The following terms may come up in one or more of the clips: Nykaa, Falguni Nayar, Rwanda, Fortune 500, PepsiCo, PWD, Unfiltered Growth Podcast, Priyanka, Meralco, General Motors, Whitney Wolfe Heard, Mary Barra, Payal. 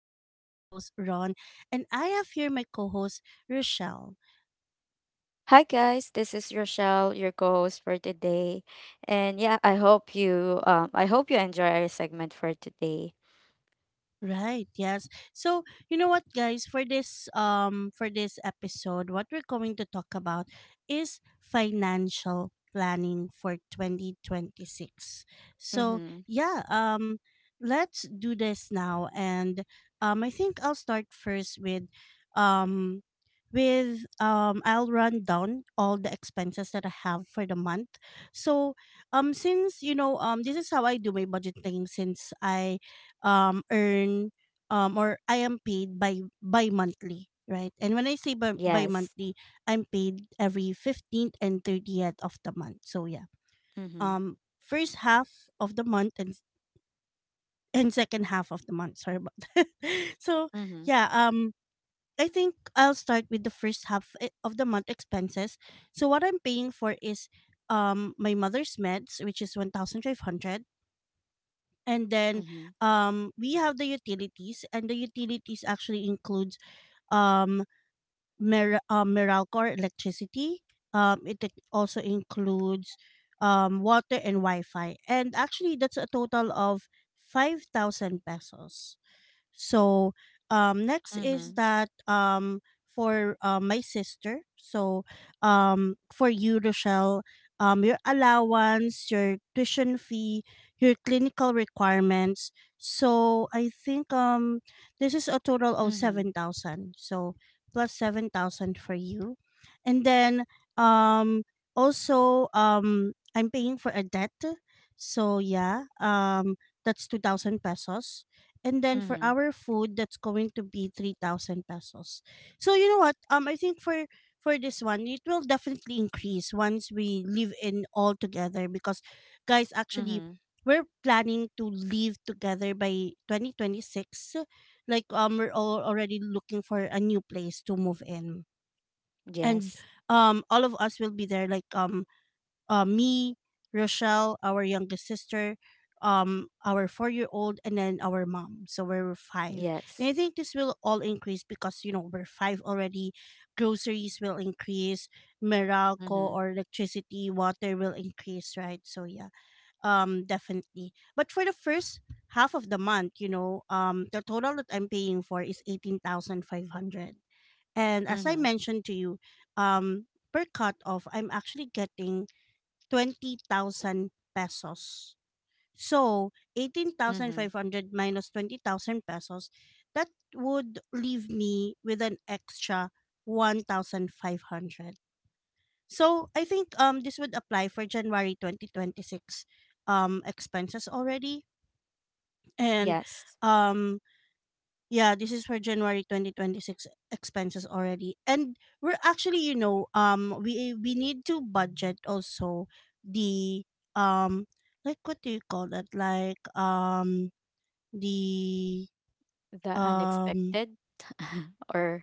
This is your host, Ron, and I have here my co host, Rochelle. Hi guys, this is Rochelle, your co-host for today, and yeah, I hope you enjoy our segment for today. Right, yes. So, you know what, guys, for this episode, what we're going to talk about is financial planning for 2026. So, Mhm. yeah, let's do this now, and I think I'll start first um with I'll run down all the expenses that I have for the month. So, since this is how I do my budgeting, since I earn or I am paid by monthly, right? And when I say by Yes. monthly, I'm paid every 15th and 30th of the month. So, yeah. Mhm. First half of the month and second half of the month. Sorry about that. So, Mhm. yeah, I think I'll start with the first half of the month expenses. So what I'm paying for is my mother's meds, which is 1,500, and then Mhm. We have the utilities, and the utilities actually includes um meralco or electricity. It also includes water and wi-fi, and actually that's a total of 5,000 pesos. So, next is Mhm. that, for my sister. So, for you, Rochelle, your allowance, your tuition fee, your clinical requirements. So I think this is a total of Mhm. 7,000. So plus 7,000 for you, and then um, also I'm paying for a debt. So that's 2,000 pesos, and then for Mhm. our food that's going to be 3,000 pesos. So you know what, I think for this one it will definitely increase once we live in all together because, guys, actually Mhm. we're planning to live together by 2026. Like, we're all already looking for a new place to move in, and Yes. All of us will be there, like, me, Rochelle, our youngest sister, our 4-year-old, and then our mom. So we're five. And Yes. I think this will all increase because, you know, we're five already. Groceries will increase, Meralco Mhm. or electricity, water will increase, right? So, yeah, definitely. But for the first half of the month, you know, the total that I'm paying for is 18,500. And as I Mhm. mentioned to you, um per cut off I'm actually getting 20,000 pesos. So, Mhm. 18,500 minus 20,000 pesos, that would leave me with an extra 1,500. So, I think this would apply for January 2026 expenses already, and Yes. um yeah, this is for January 2026 expenses already. And we're actually, you know, we need to budget also the um like, what do you call that? Like, the The um unexpected, or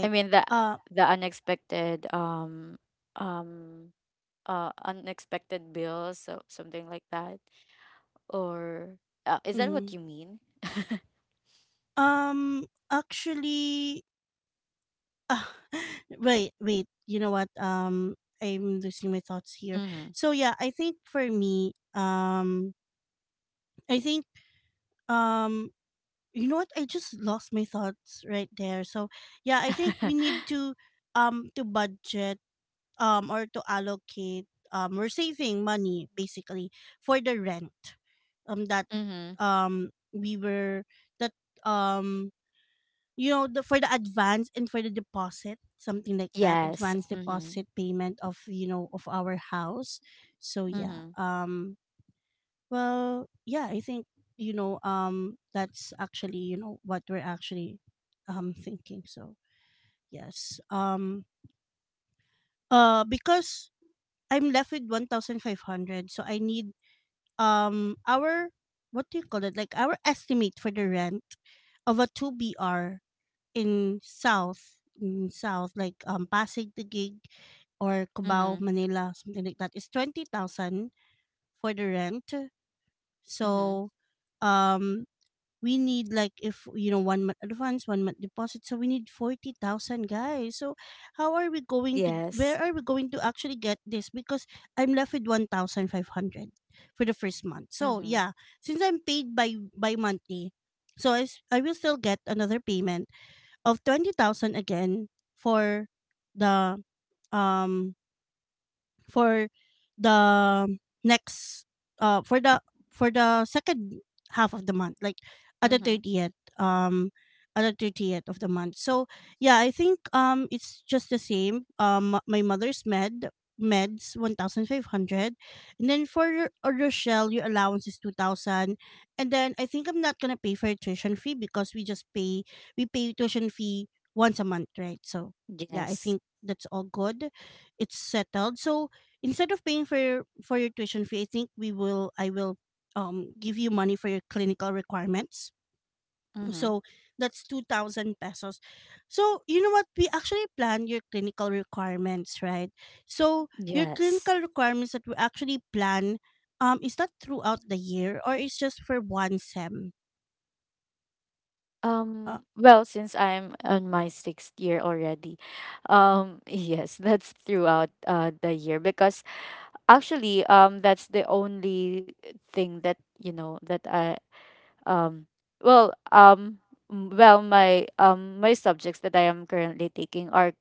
I mean the Uh the unexpected, um unexpected bills, so something like that. Or Is that what mhm. you mean? um Actually, wait, wait. You know what? I'm losing my thoughts here. Mm-hmm. So yeah, I think for me, I think, um you know what, I just lost my thoughts right there. So yeah, I think we need to budget, or to allocate. We're saving money, basically, for the rent that Mm-hmm. We were that um you know, the, for the advance and for the deposit, something like that, Yes. advance Mm-hmm. deposit payment of, you know, of our house. So yeah Mm-hmm. um well, yeah, I think, you know, that's actually, you know what, we're actually thinking. So yes, because I'm left with 1,500, so I need our — what do you call it, like, our estimate for the rent of a two BR in South — in South, like, Pasig the gig or Cubao Mm-hmm. Manila, something like that, is 20,000 for the rent. Mm-hmm. So um we need, like, if you know, one month advance, one month deposit, so we need 40,000, guys. So how are we going to where Yes. are we going to actually get this? Because I'm left with 1,500 for the first month. So Mm-hmm. yeah, since I'm paid by monthly, so I will still get another payment of 20,000 again for the um for the next uh for the for the second half of the month, like at the Mm-hmm. 30th, at the 30th of the month. So yeah, I think it's just the same: my mother's meds 1,500, and then for Rochelle, your allowance is 2,000. And then I think I'm not gonna pay for tuition fee because we just pay — we pay tuition fee once a month, right? So yeah, I Yes. think that's all good. It's settled. So instead of paying for your — for your tuition fee, I think we will I will give you money for your clinical requirements. Mm-hmm. So that's 2,000 pesos. So you know what? We actually plan your clinical requirements, right? So your Yes. clinical requirements that we actually plan, is that throughout the year, or it's just for one sem? Uh, Well, since I'm on my sixth year already, yes, that's throughout the year because actually that's the only thing that you know that I Um, well, um, my subjects that I am currently taking are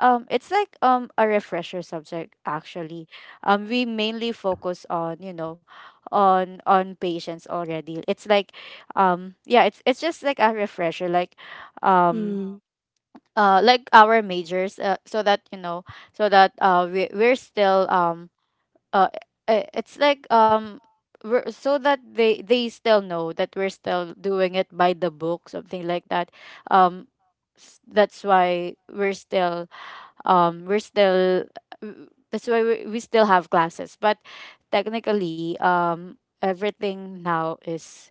it's like a refresher subject actually. We mainly focus on you know on patients already. It's like yeah, it's just like a refresher, mm, um. Like our majors so that you know so that we're still uh i- it's like um so that they still know that we're still doing it by the book, something like that. Um s- that's why we're still w- that's why we still have classes, but technically everything now is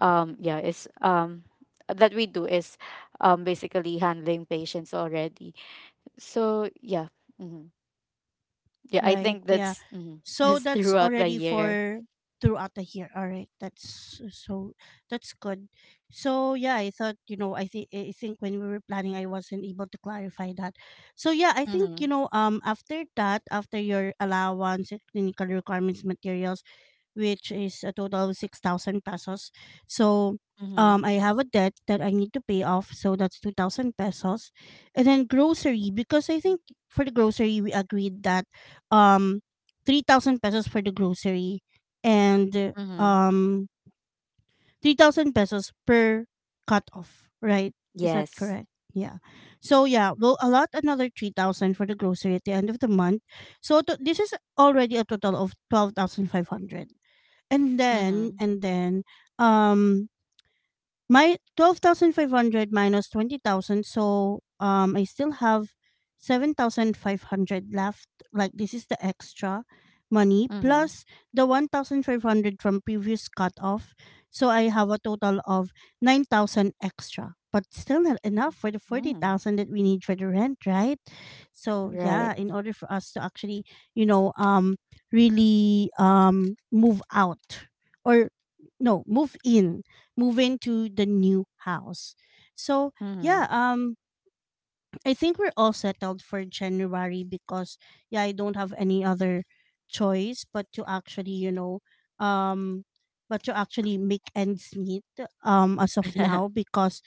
yeah is that we do is basically handling patients already, so yeah. hmm yeah, I right. think Yeah. that's So that's that's throughout the already year. for throughout the year. All right, that's — so that's good. So yeah, I thought, you know, I think when we were planning, I wasn't able to clarify that. So yeah, I think, you Mhm. know, after that, after your allowance, clinical requirements, materials, which is a total of 6,000 pesos. So Mhm. I have a debt that I need to pay off. So that's 2,000 pesos. And then grocery, because I think for the grocery, we agreed that, um, 3,000 pesos for the grocery, and Mhm. 3,000 pesos per cut off, right? Is that Yes. correct? Yeah. So yeah, we'll allot another 3,000 for the grocery at the end of the month. So to, this is already a total of 12,500. And then Mhm. and then um my 12,500 minus 20,000, so I still have 7,500 left. Like, this is the extra money Mhm. plus the 1,500 from previous cutoff. So I have a total of 9,000 extra. But still not enough for the Mm. 40,000 that we need for the rent, right? So Right. yeah, in order for us to actually, you know, really move out, or no, move in — move into the new house. So yeah, Mhm. I think we're all settled for January, because yeah, I don't have any other choice but to actually, you know, um but to actually make ends meet as of now, because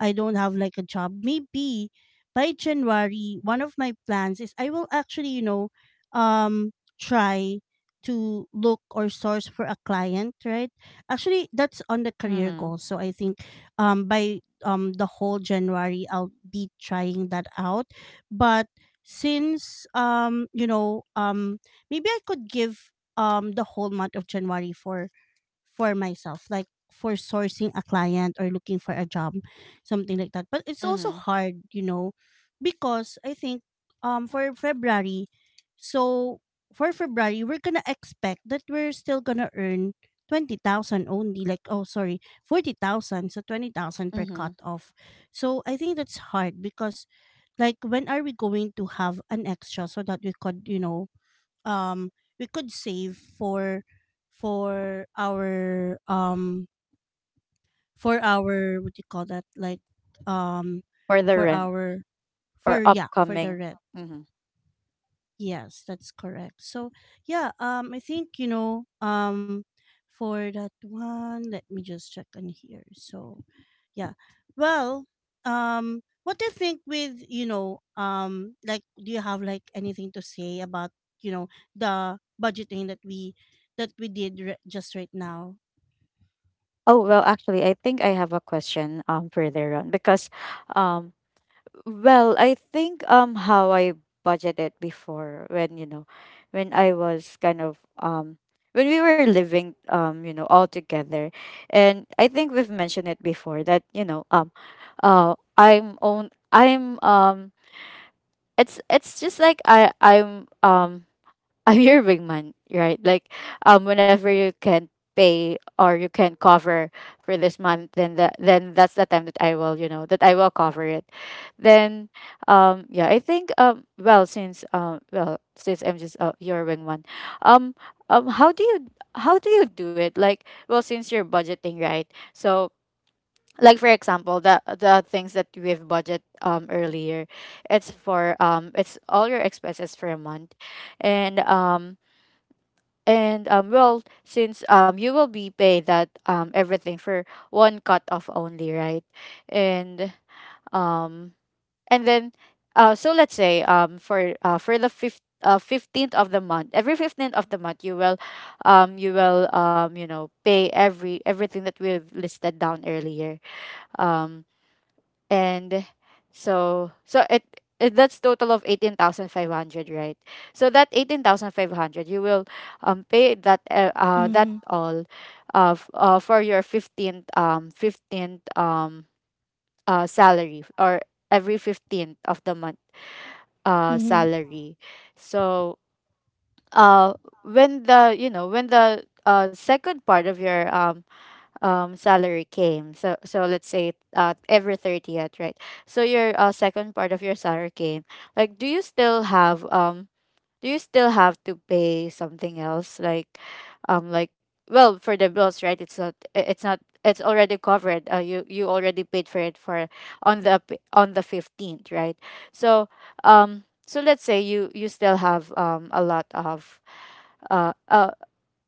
I don't have, like, a job. Maybe by January, one of my plans is I will actually, you know, um try to look or source for a client, right? Actually, that's on the career Mhm. goal. So I think by the whole January I'll be trying that out. But since you know, maybe I could give the whole month of January for — for myself, like for sourcing a client or looking for a job, something like that. But it's also Mhm. hard, you know, because I think for February, so for February we're gonna expect that we're still gonna earn 20,000 only, like, oh, sorry, 40,000, so 20,000 per cut Mhm. off. So I think that's hard because, like, when are we going to have an extra so that we could, you know, um we could save for — for our for our — what do you call that, like, um Or the for rent our — or for — yeah, for the upcoming. rent. Mhm. Yes, that's correct. So yeah, I think, you know, for that one, let me just check on here. So yeah. Well, what do you think with, you know, like, do you have, like, anything to say about, you know, the budgeting that we did r just right now? Oh, well, actually, I think I have a question further on because um well, I think how I budgeted before when you know when I was kind of when we were living you know all together, and I think we've mentioned it before that you know I'm own I'm it's just like I'm I'm your wingman, right? Like, whenever you can't pay or you can cover for this month, then that's the time that I will, you know, that I will cover it. Then, yeah, I think, well, since, since I'm just your wingman, um, how do you do it? Like, well, since you're budgeting, right? So. Like for example, the things that we've budget earlier, it's for it's all your expenses for a month, and well, since you will be paid that everything for one cut off only, right? And um, and then so let's say for the fifth 15th of the month, every 15th of the month, you will, you will you know pay everything that we've listed down earlier. Um, and So it that's total of 18,500, right? So that 18,500 you will pay that Mm-hmm. all for your 15th salary or every 15th of the month Mm-hmm. salary. So uh when the you know when the second part of your salary came, so so let's say every 30th, right? So your second part of your salary came, like do you still have do you still have to pay something else like um like well for the bills, right? It's not, it's already covered. You you already paid for it for on the 15th, right? So so let's say you you still have a lot of uh, uh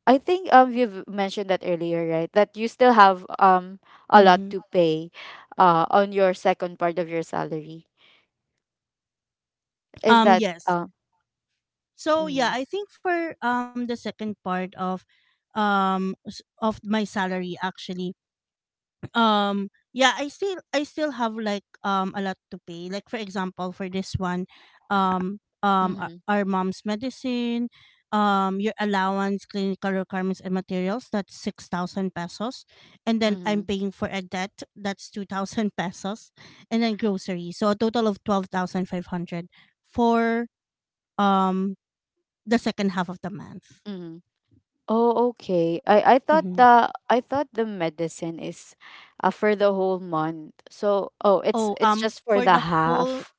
I think you've mentioned that earlier, right? That you still have a lot Mm-hmm. to pay on your second part of your salary. Is that Yes. So yeah, mm-hmm, I think for the second part of of my salary actually, yeah, I still have, like, a lot to pay, like, for example, for this one, mm-hmm, our mom's medicine, your allowance, clinical requirements, and materials, that's 6,000 pesos. And then mm-hmm, I'm paying for a debt, that's 2,000 pesos. And then groceries. So a total of 12,500 for um the second half of the month. mm-hmm. Oh, okay. Hmm. I thought the medicine is for the whole month. So oh, Oh, it's just for for the the whole — half.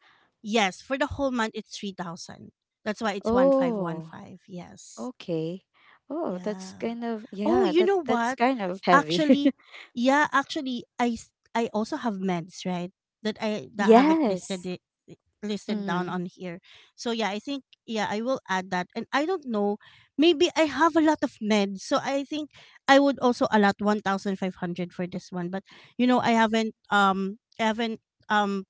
yes, for the whole month it's 3,000. That's why it's Oh, 1,515. Yes. okay. Oh, that's Yeah. kind of Oh, yeah, you that know that's what? kind of heavy. Actually, yeah, actually I also have meds, right? That I — that haven't listed Yes. it — listed down Mm-hmm. on here. So yeah, I think, yeah, I will add that. And I don't know, maybe I have a lot of meds. So I think I would also allot 1,500 for this one. But you know, I haven't um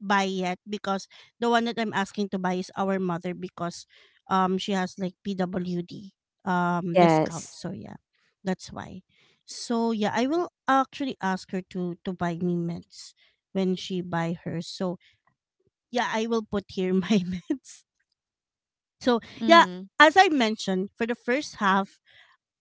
buy yet because the one that I'm asking to buy is our mother, because she has, like, PWD discount. Yes. So yeah, that's why. So yeah, I will actually ask her to buy me meds when she buy hers. So yeah, I will put here my meds. So yeah, Mm-hmm. as I mentioned, for the first half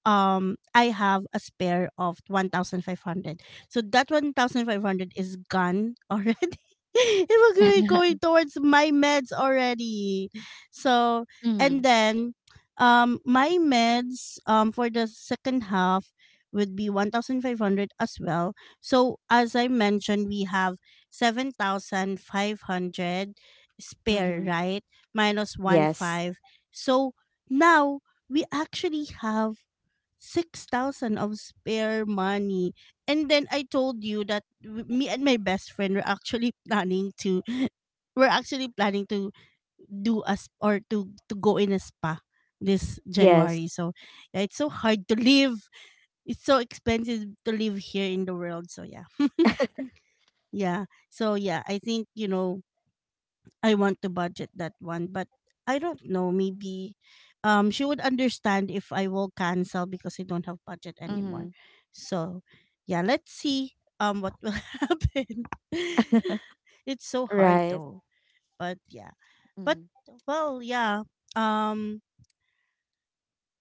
I have a spare of 1,500. So that 1,500 is gone already. It was really going towards my meds already. So Mhm. and then my meds for the second half would be 1,500 as well. So as I mentioned we have 7,500 spare, Mhm. right? Minus 1 Yes. 5. So now we actually have 6,000 of spare money. And then I told you that me and my best friend were actually planning to, we're actually planning to do us or to go in a spa this Yes. January. So yeah, it's so hard to live. It's so expensive to live here in the world. So yeah, yeah. So yeah, I think I want to budget that one, but I don't know. Maybe she would understand if I will cancel because I don't have budget anymore. Mhm. So yeah, let's see what will happen. It's so hard Right. though. But yeah. But Mhm. well yeah. Um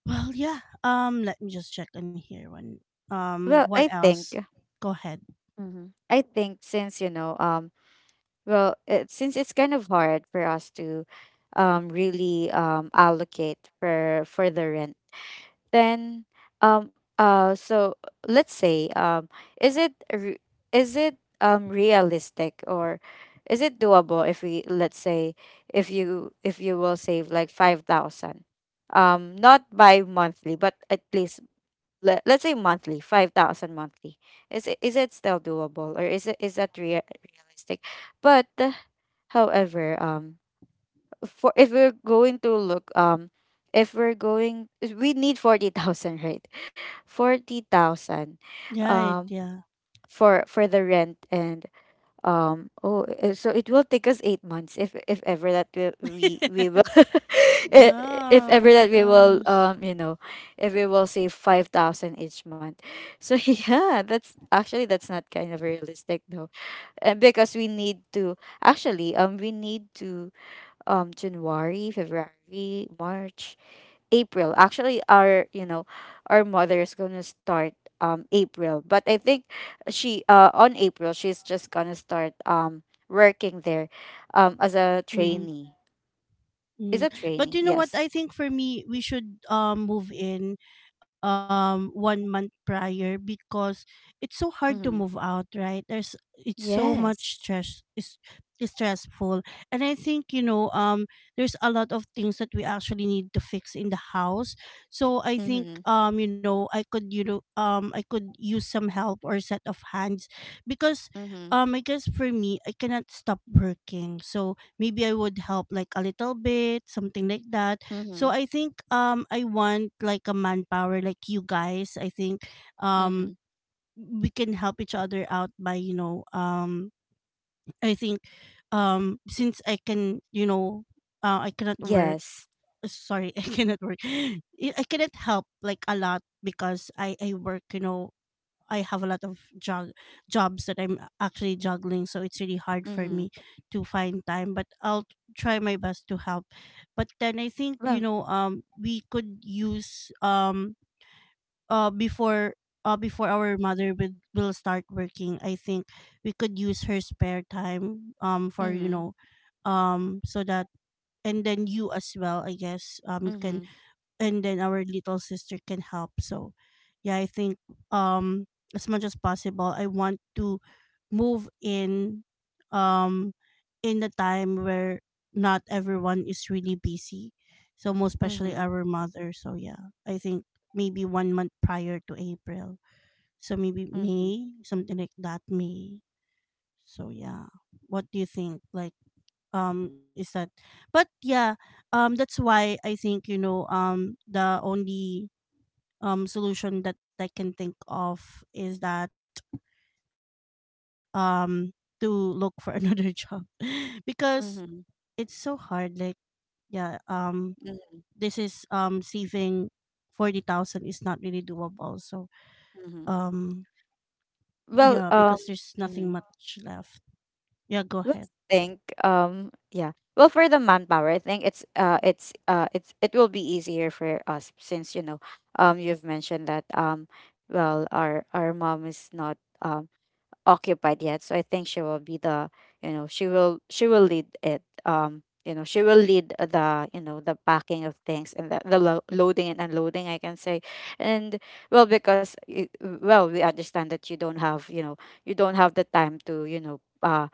well yeah. Let me just check on here one Well, what I else? think Go ahead. Mhm. I think since you know well, it, since it's kind of hard for us to really allocate for the rent, then so let's say is it is it realistic or is it doable if we let's say if you will save like 5,000 not by monthly but at least let's say monthly, 5,000 monthly? Is it is it still doable or is it is that realistic? But however for if we're going to look if we're going we need 40,000, right? 40,000 Right, um yeah. for the rent. And oh so it will take us 8 months if ever that we will i- if Yeah. ever Oh that my we will gosh. You know if we will save 5,000 each month. So yeah, that's actually that's not kind of realistic, though. And because we need to actually we need to January, February, March, April. Actually our you know, our mother is gonna start April. But I think she on April she's just gonna start working there as a Mm-hmm. trainee. Is Mm. a But trainee, you know what? yes. I think for me, we should move in one month prior because it's so hard to move Mm-hmm. out, right? There's It's so much Yes. stress, it's stressful. And I think, there's a lot of things that we actually need to fix in the house. So I think Mm-hmm. I could use some help or set of hands because Mm-hmm. I guess for me I cannot stop working. So maybe I would help like a little bit, something like that. Mm-hmm. So I think I want like a manpower like you guys. I think Mm-hmm. um we can help each other out by, you know, I think since I can, I cannot work, Yes. sorry. I cannot work, I cannot help like a lot because I work I have a lot of jobs that I'm actually juggling, so it's really hard for Mm-hmm. me to find time. But I'll try my best to help. But then I think Well we could use uh, before before our mother will start working. I think we could use her spare time for mm-hmm. So that and then you as well. I guess you can Mm-hmm. and then our little sister can help. So yeah, I think um as much as possible I want to move um in a time where not everyone is really busy, so most especially Mm-hmm. our mother. So yeah, I think maybe one month prior to April, so maybe Mm-hmm. May something like that, May. So yeah, what do you think like is that? But yeah, that's why I think the only solution that I can think of is that um, to look for another job because it's so Mm-hmm. hard. Like, yeah, this is saving 40,000 is not really doable. So, Mm-hmm. um, yeah, Well, because um there's nothing mhm. much left. Yeah, go ahead. Well, I think yeah. Well, for the manpower, I think it's it will be easier for us since you know you've mentioned that well our mom is not um occupied yet, so I think she will be the you know she will lead it you know she will lead the you know the packing of things and the loading and unloading, I can say. And well because well we understand that you don't have you know you don't have the time to you know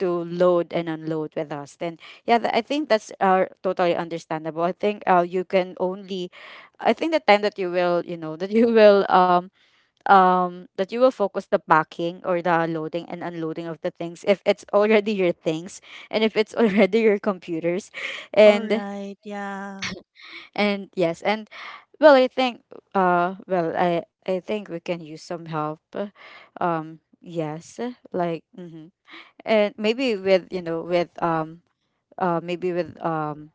to load and unload with us, then yeah I think that's totally understandable. I think you can only I think the time that you will you know that you will that you will focus the packing or the loading and unloading of the things if it's already your things, and if it's already your computers. All And right. Yeah. and yes and well I think well i think we can use some help, yes, like mm-hmm. And maybe with you know with maybe um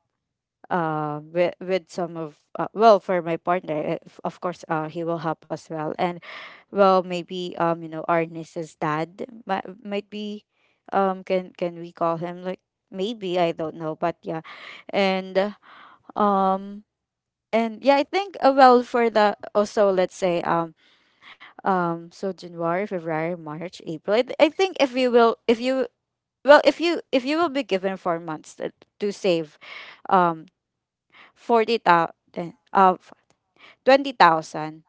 uh with some of well for my partner, if, of course he will help as well. And well, maybe you know our niece's dad might be can we call him, like maybe I don't know, but yeah. And uh, um and yeah, I think well for the also let's say so January, February, March, April, I think if you well if you will be given 4 months to save um Forty thou uh, 20,000,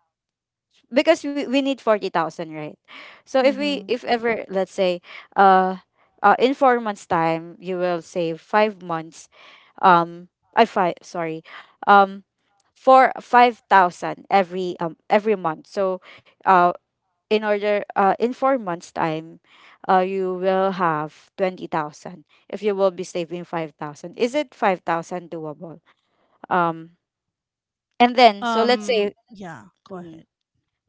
because we need 40,000, right? So if we Mm-hmm. if ever let's say uh, in 4 months time you will save 5 months um I five sorry. Um for 5,000 every month. So uh in order in 4 months time you will have 20,000 if you will be saving 5,000. Is it 5,000 doable? Um and then so let's say Yeah, go Mhm. ahead.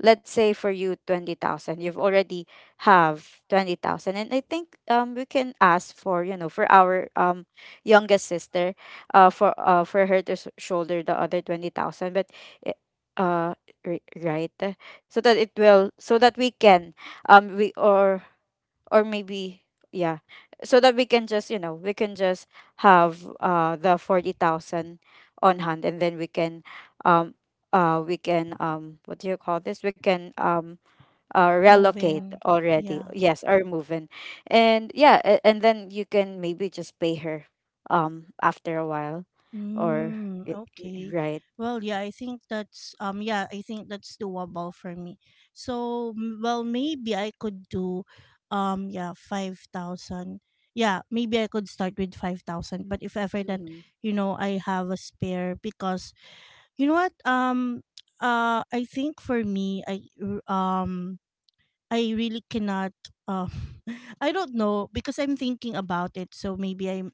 let's say for you 20,000 you've already have 20,000, and I think we can ask for you know for our youngest sister for her to shoulder the other 20,000. I- uh right. So that it will so that we can we or maybe yeah, so that we can just you know we can just have the 40,000 on hand, and then um we can what do you call this, we can relocate Moving. already, Yeah. yes, or move in. And yeah, and then you can maybe just pay her after a while. or Mm, i- okay. right. Well, yeah, I think that's doable for me. So, well, maybe I could do yeah, 5,000. Yeah, maybe I could start with 5,000, but if ever that, mm-hmm. I have a spare, because you know what? I think for me r- um I really cannot. Uh, I don't know because I'm thinking about it. So maybe I'm.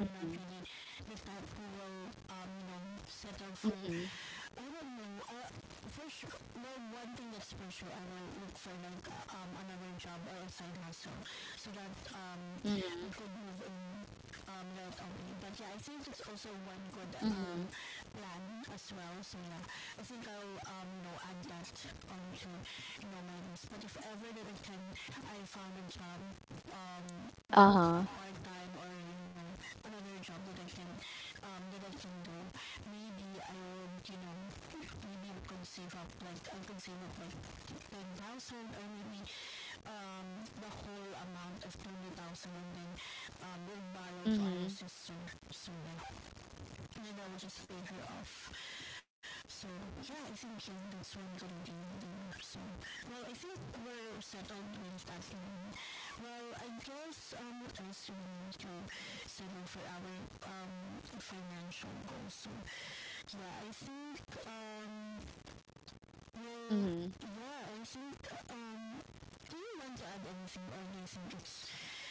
Mm-hmm. Mm-hmm. Mm-hmm. I'm Mm-hmm. plan as well. So yeah, I think I'll add that onto my list. But if ever that I can, I found a job um like Uh-huh. conceiving thousand, I mean um the whole amount of 20,000, and then we'll borrow to ours. Mm-hmm. So yeah. And then that will just fade her off. So yeah, I think yeah, that's what I'm gonna do. Doing. So well, I think we're settled with that one. Well, I guess what else do we need to settle for our financial goals? So yeah, I think um. Mm-hmm. Yeah, I think um, do you want to add anything, or do you think it's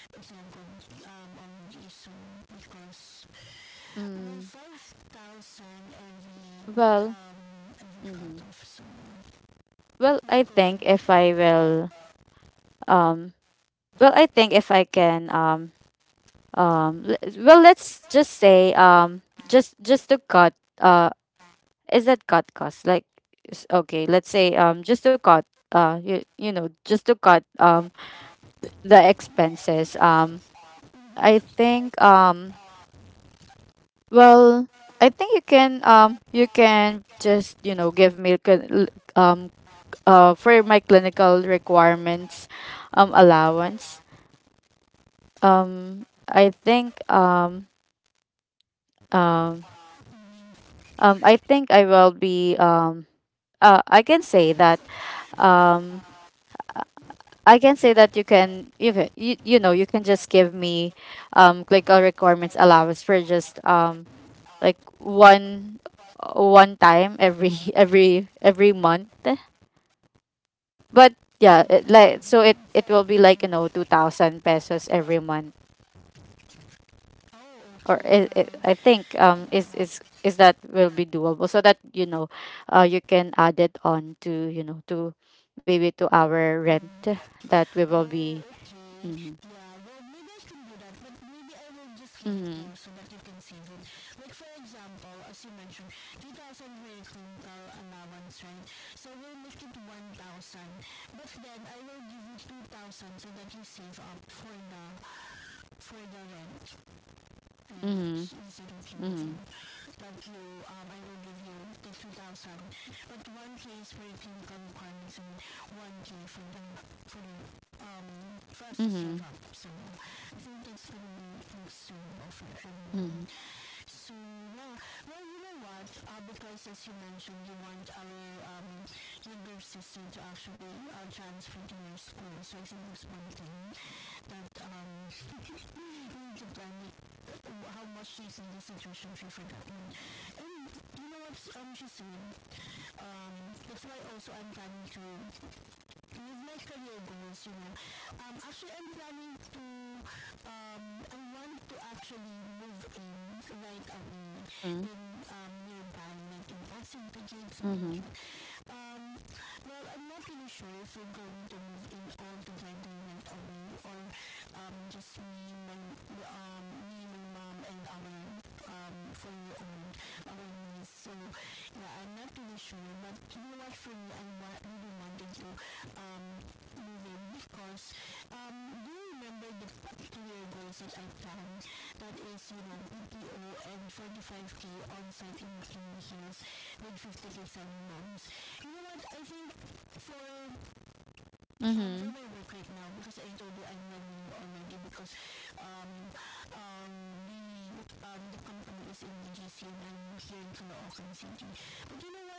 it's not good on the issue, because well, Mm. 5,000 uh, Well, every cut mm-hmm. off. So. Oh, Well, I think if I will um well, I think if I can well, let's just say just to cut uh is that cut cost? Like okay, let's say just to cut you, you know, just to cut the expenses. I think Well, I think you can just, you know, give me um for my clinical requirements allowance. I think um I think I will be I can say that um I I can say that you, you know, you can just give me clinical requirements allowance for just like one time every every month. But yeah, like so it will be like you know 2,000 pesos every month. okay. Or I think is that will be doable, so that you know you can add it on to you know to maybe to Oh, our rent okay. that we will be Yeah. mm-hmm, Well, maybe I can do that, but maybe I will just give. mm-hmm, mm-hmm, mm-hmm, So I think that's the only things to offer. And mm-hmm, so yeah, well you know what? Because as you mentioned, you want our younger sister to actually transfer to your school. So I think that's one thing that we need to plan it. How much is in think the situation will forget? And you know what's interesting? Um, that's why also I'm planning to with my career mm-hmm, mm-hmm, mm-hmm.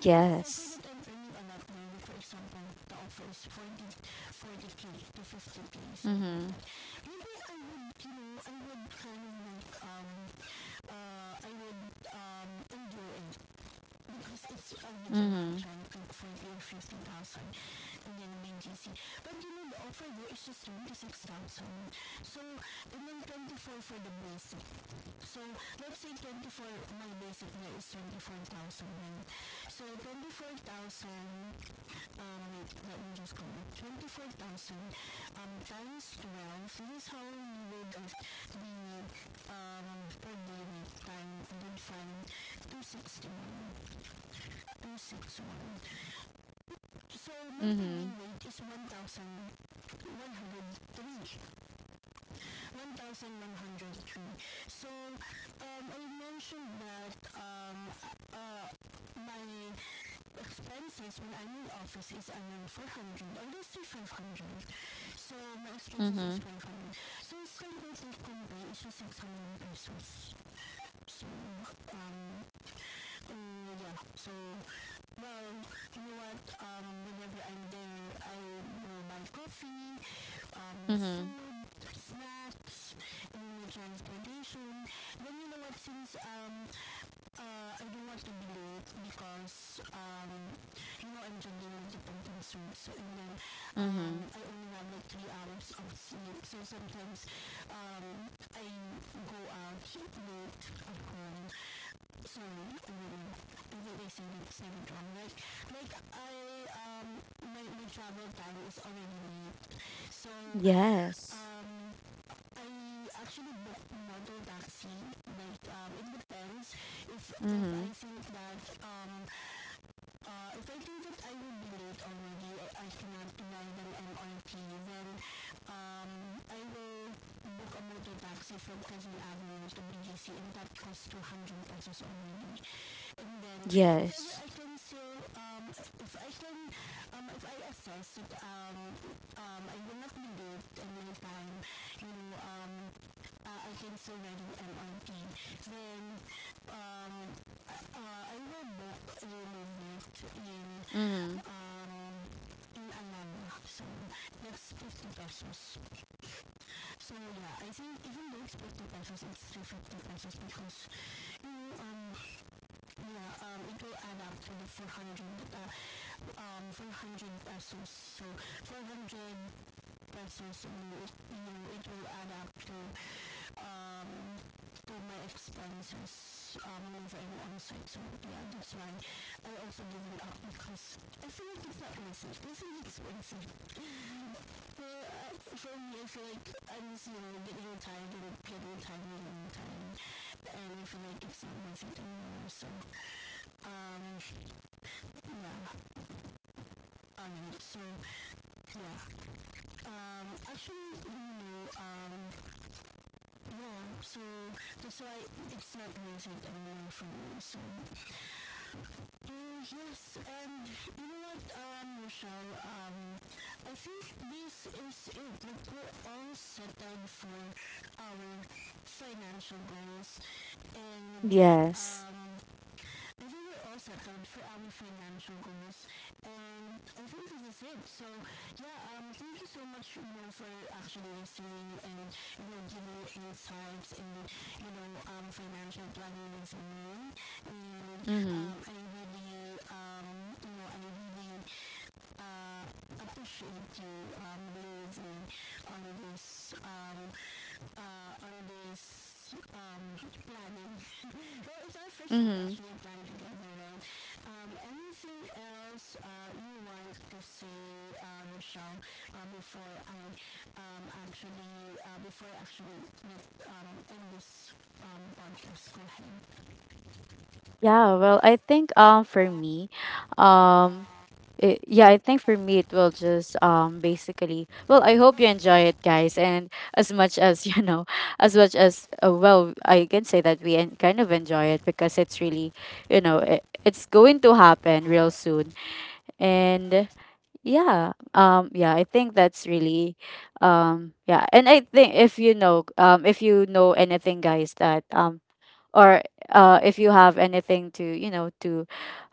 yes mm-hmm, mm-hmm, outside in. You know, the offer there is just 26,000. So, and then 24 for the basic. Let's say 24, my basic there is 24,000, right? So, 24,000, um, let me just call it. 24,000 times 12, this is how you would get 261. 261. So, my pay mm-hmm, weight is one thousand one hundred three thousand. So, expenses when I'm in office is around 400 or let's say 500. So my expenses is mm-hmm, 500. So it's like what we convey is just 600 pesos. So, um, so you know what, mm-hmm, since, since because, I'm juggling multiple things, so and then, mm-hmm. I only have like 3 hours of sleep, so sometimes, um, I go out, you know, they say, I. yes mm-hmm, yes So, um, if I can, if I assess it, mm-hmm, um, so that's 50 pesos. So yeah, I think even though it's 50 pesos, it's 350 pesos because yeah, it will add up to the 400 pesos. So 400 pesos, you know, it will add up to um, do my expenses whenever I'm on site. So yeah, that's why I also give it up because I feel like it's not worth it. It's really expensive. Well, for me, I feel like I'm just, getting retired and getting retired and getting retired. And I feel like it's not worth it anymore. So, um, alright. So, actually, yeah. So that's why it's not worth it anymore for me. So, Uh, yes, and you know what, Michelle, I think this is it like, for all yes streamers. So, so much we actually are seeing and mm-hmm, success. mm-hmm. Yeah, well, I think for me, um yeah, I think for me it will just basically well, I hope you enjoy it guys, and as much as you know, as much as well, I can say that we kind of enjoy it because it's really, you know, it's going to happen real soon. And yeah, yeah, I think that's really yeah. And I think if you know anything, guys, that or if you have anything to you know to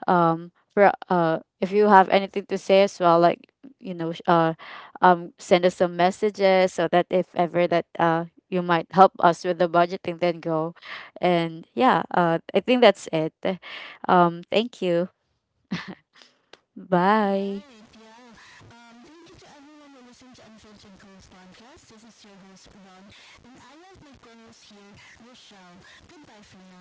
for if you have anything to say as well, like you know send us some messages, so that if ever that you might help us with the budgeting, then go. And yeah, I think that's it. Thank you. Bye. Thank you to everyone who listened to Unfiltered Growth Podcast. This is your host, Ron, and I have my co-host here, Michelle. Goodbye friends.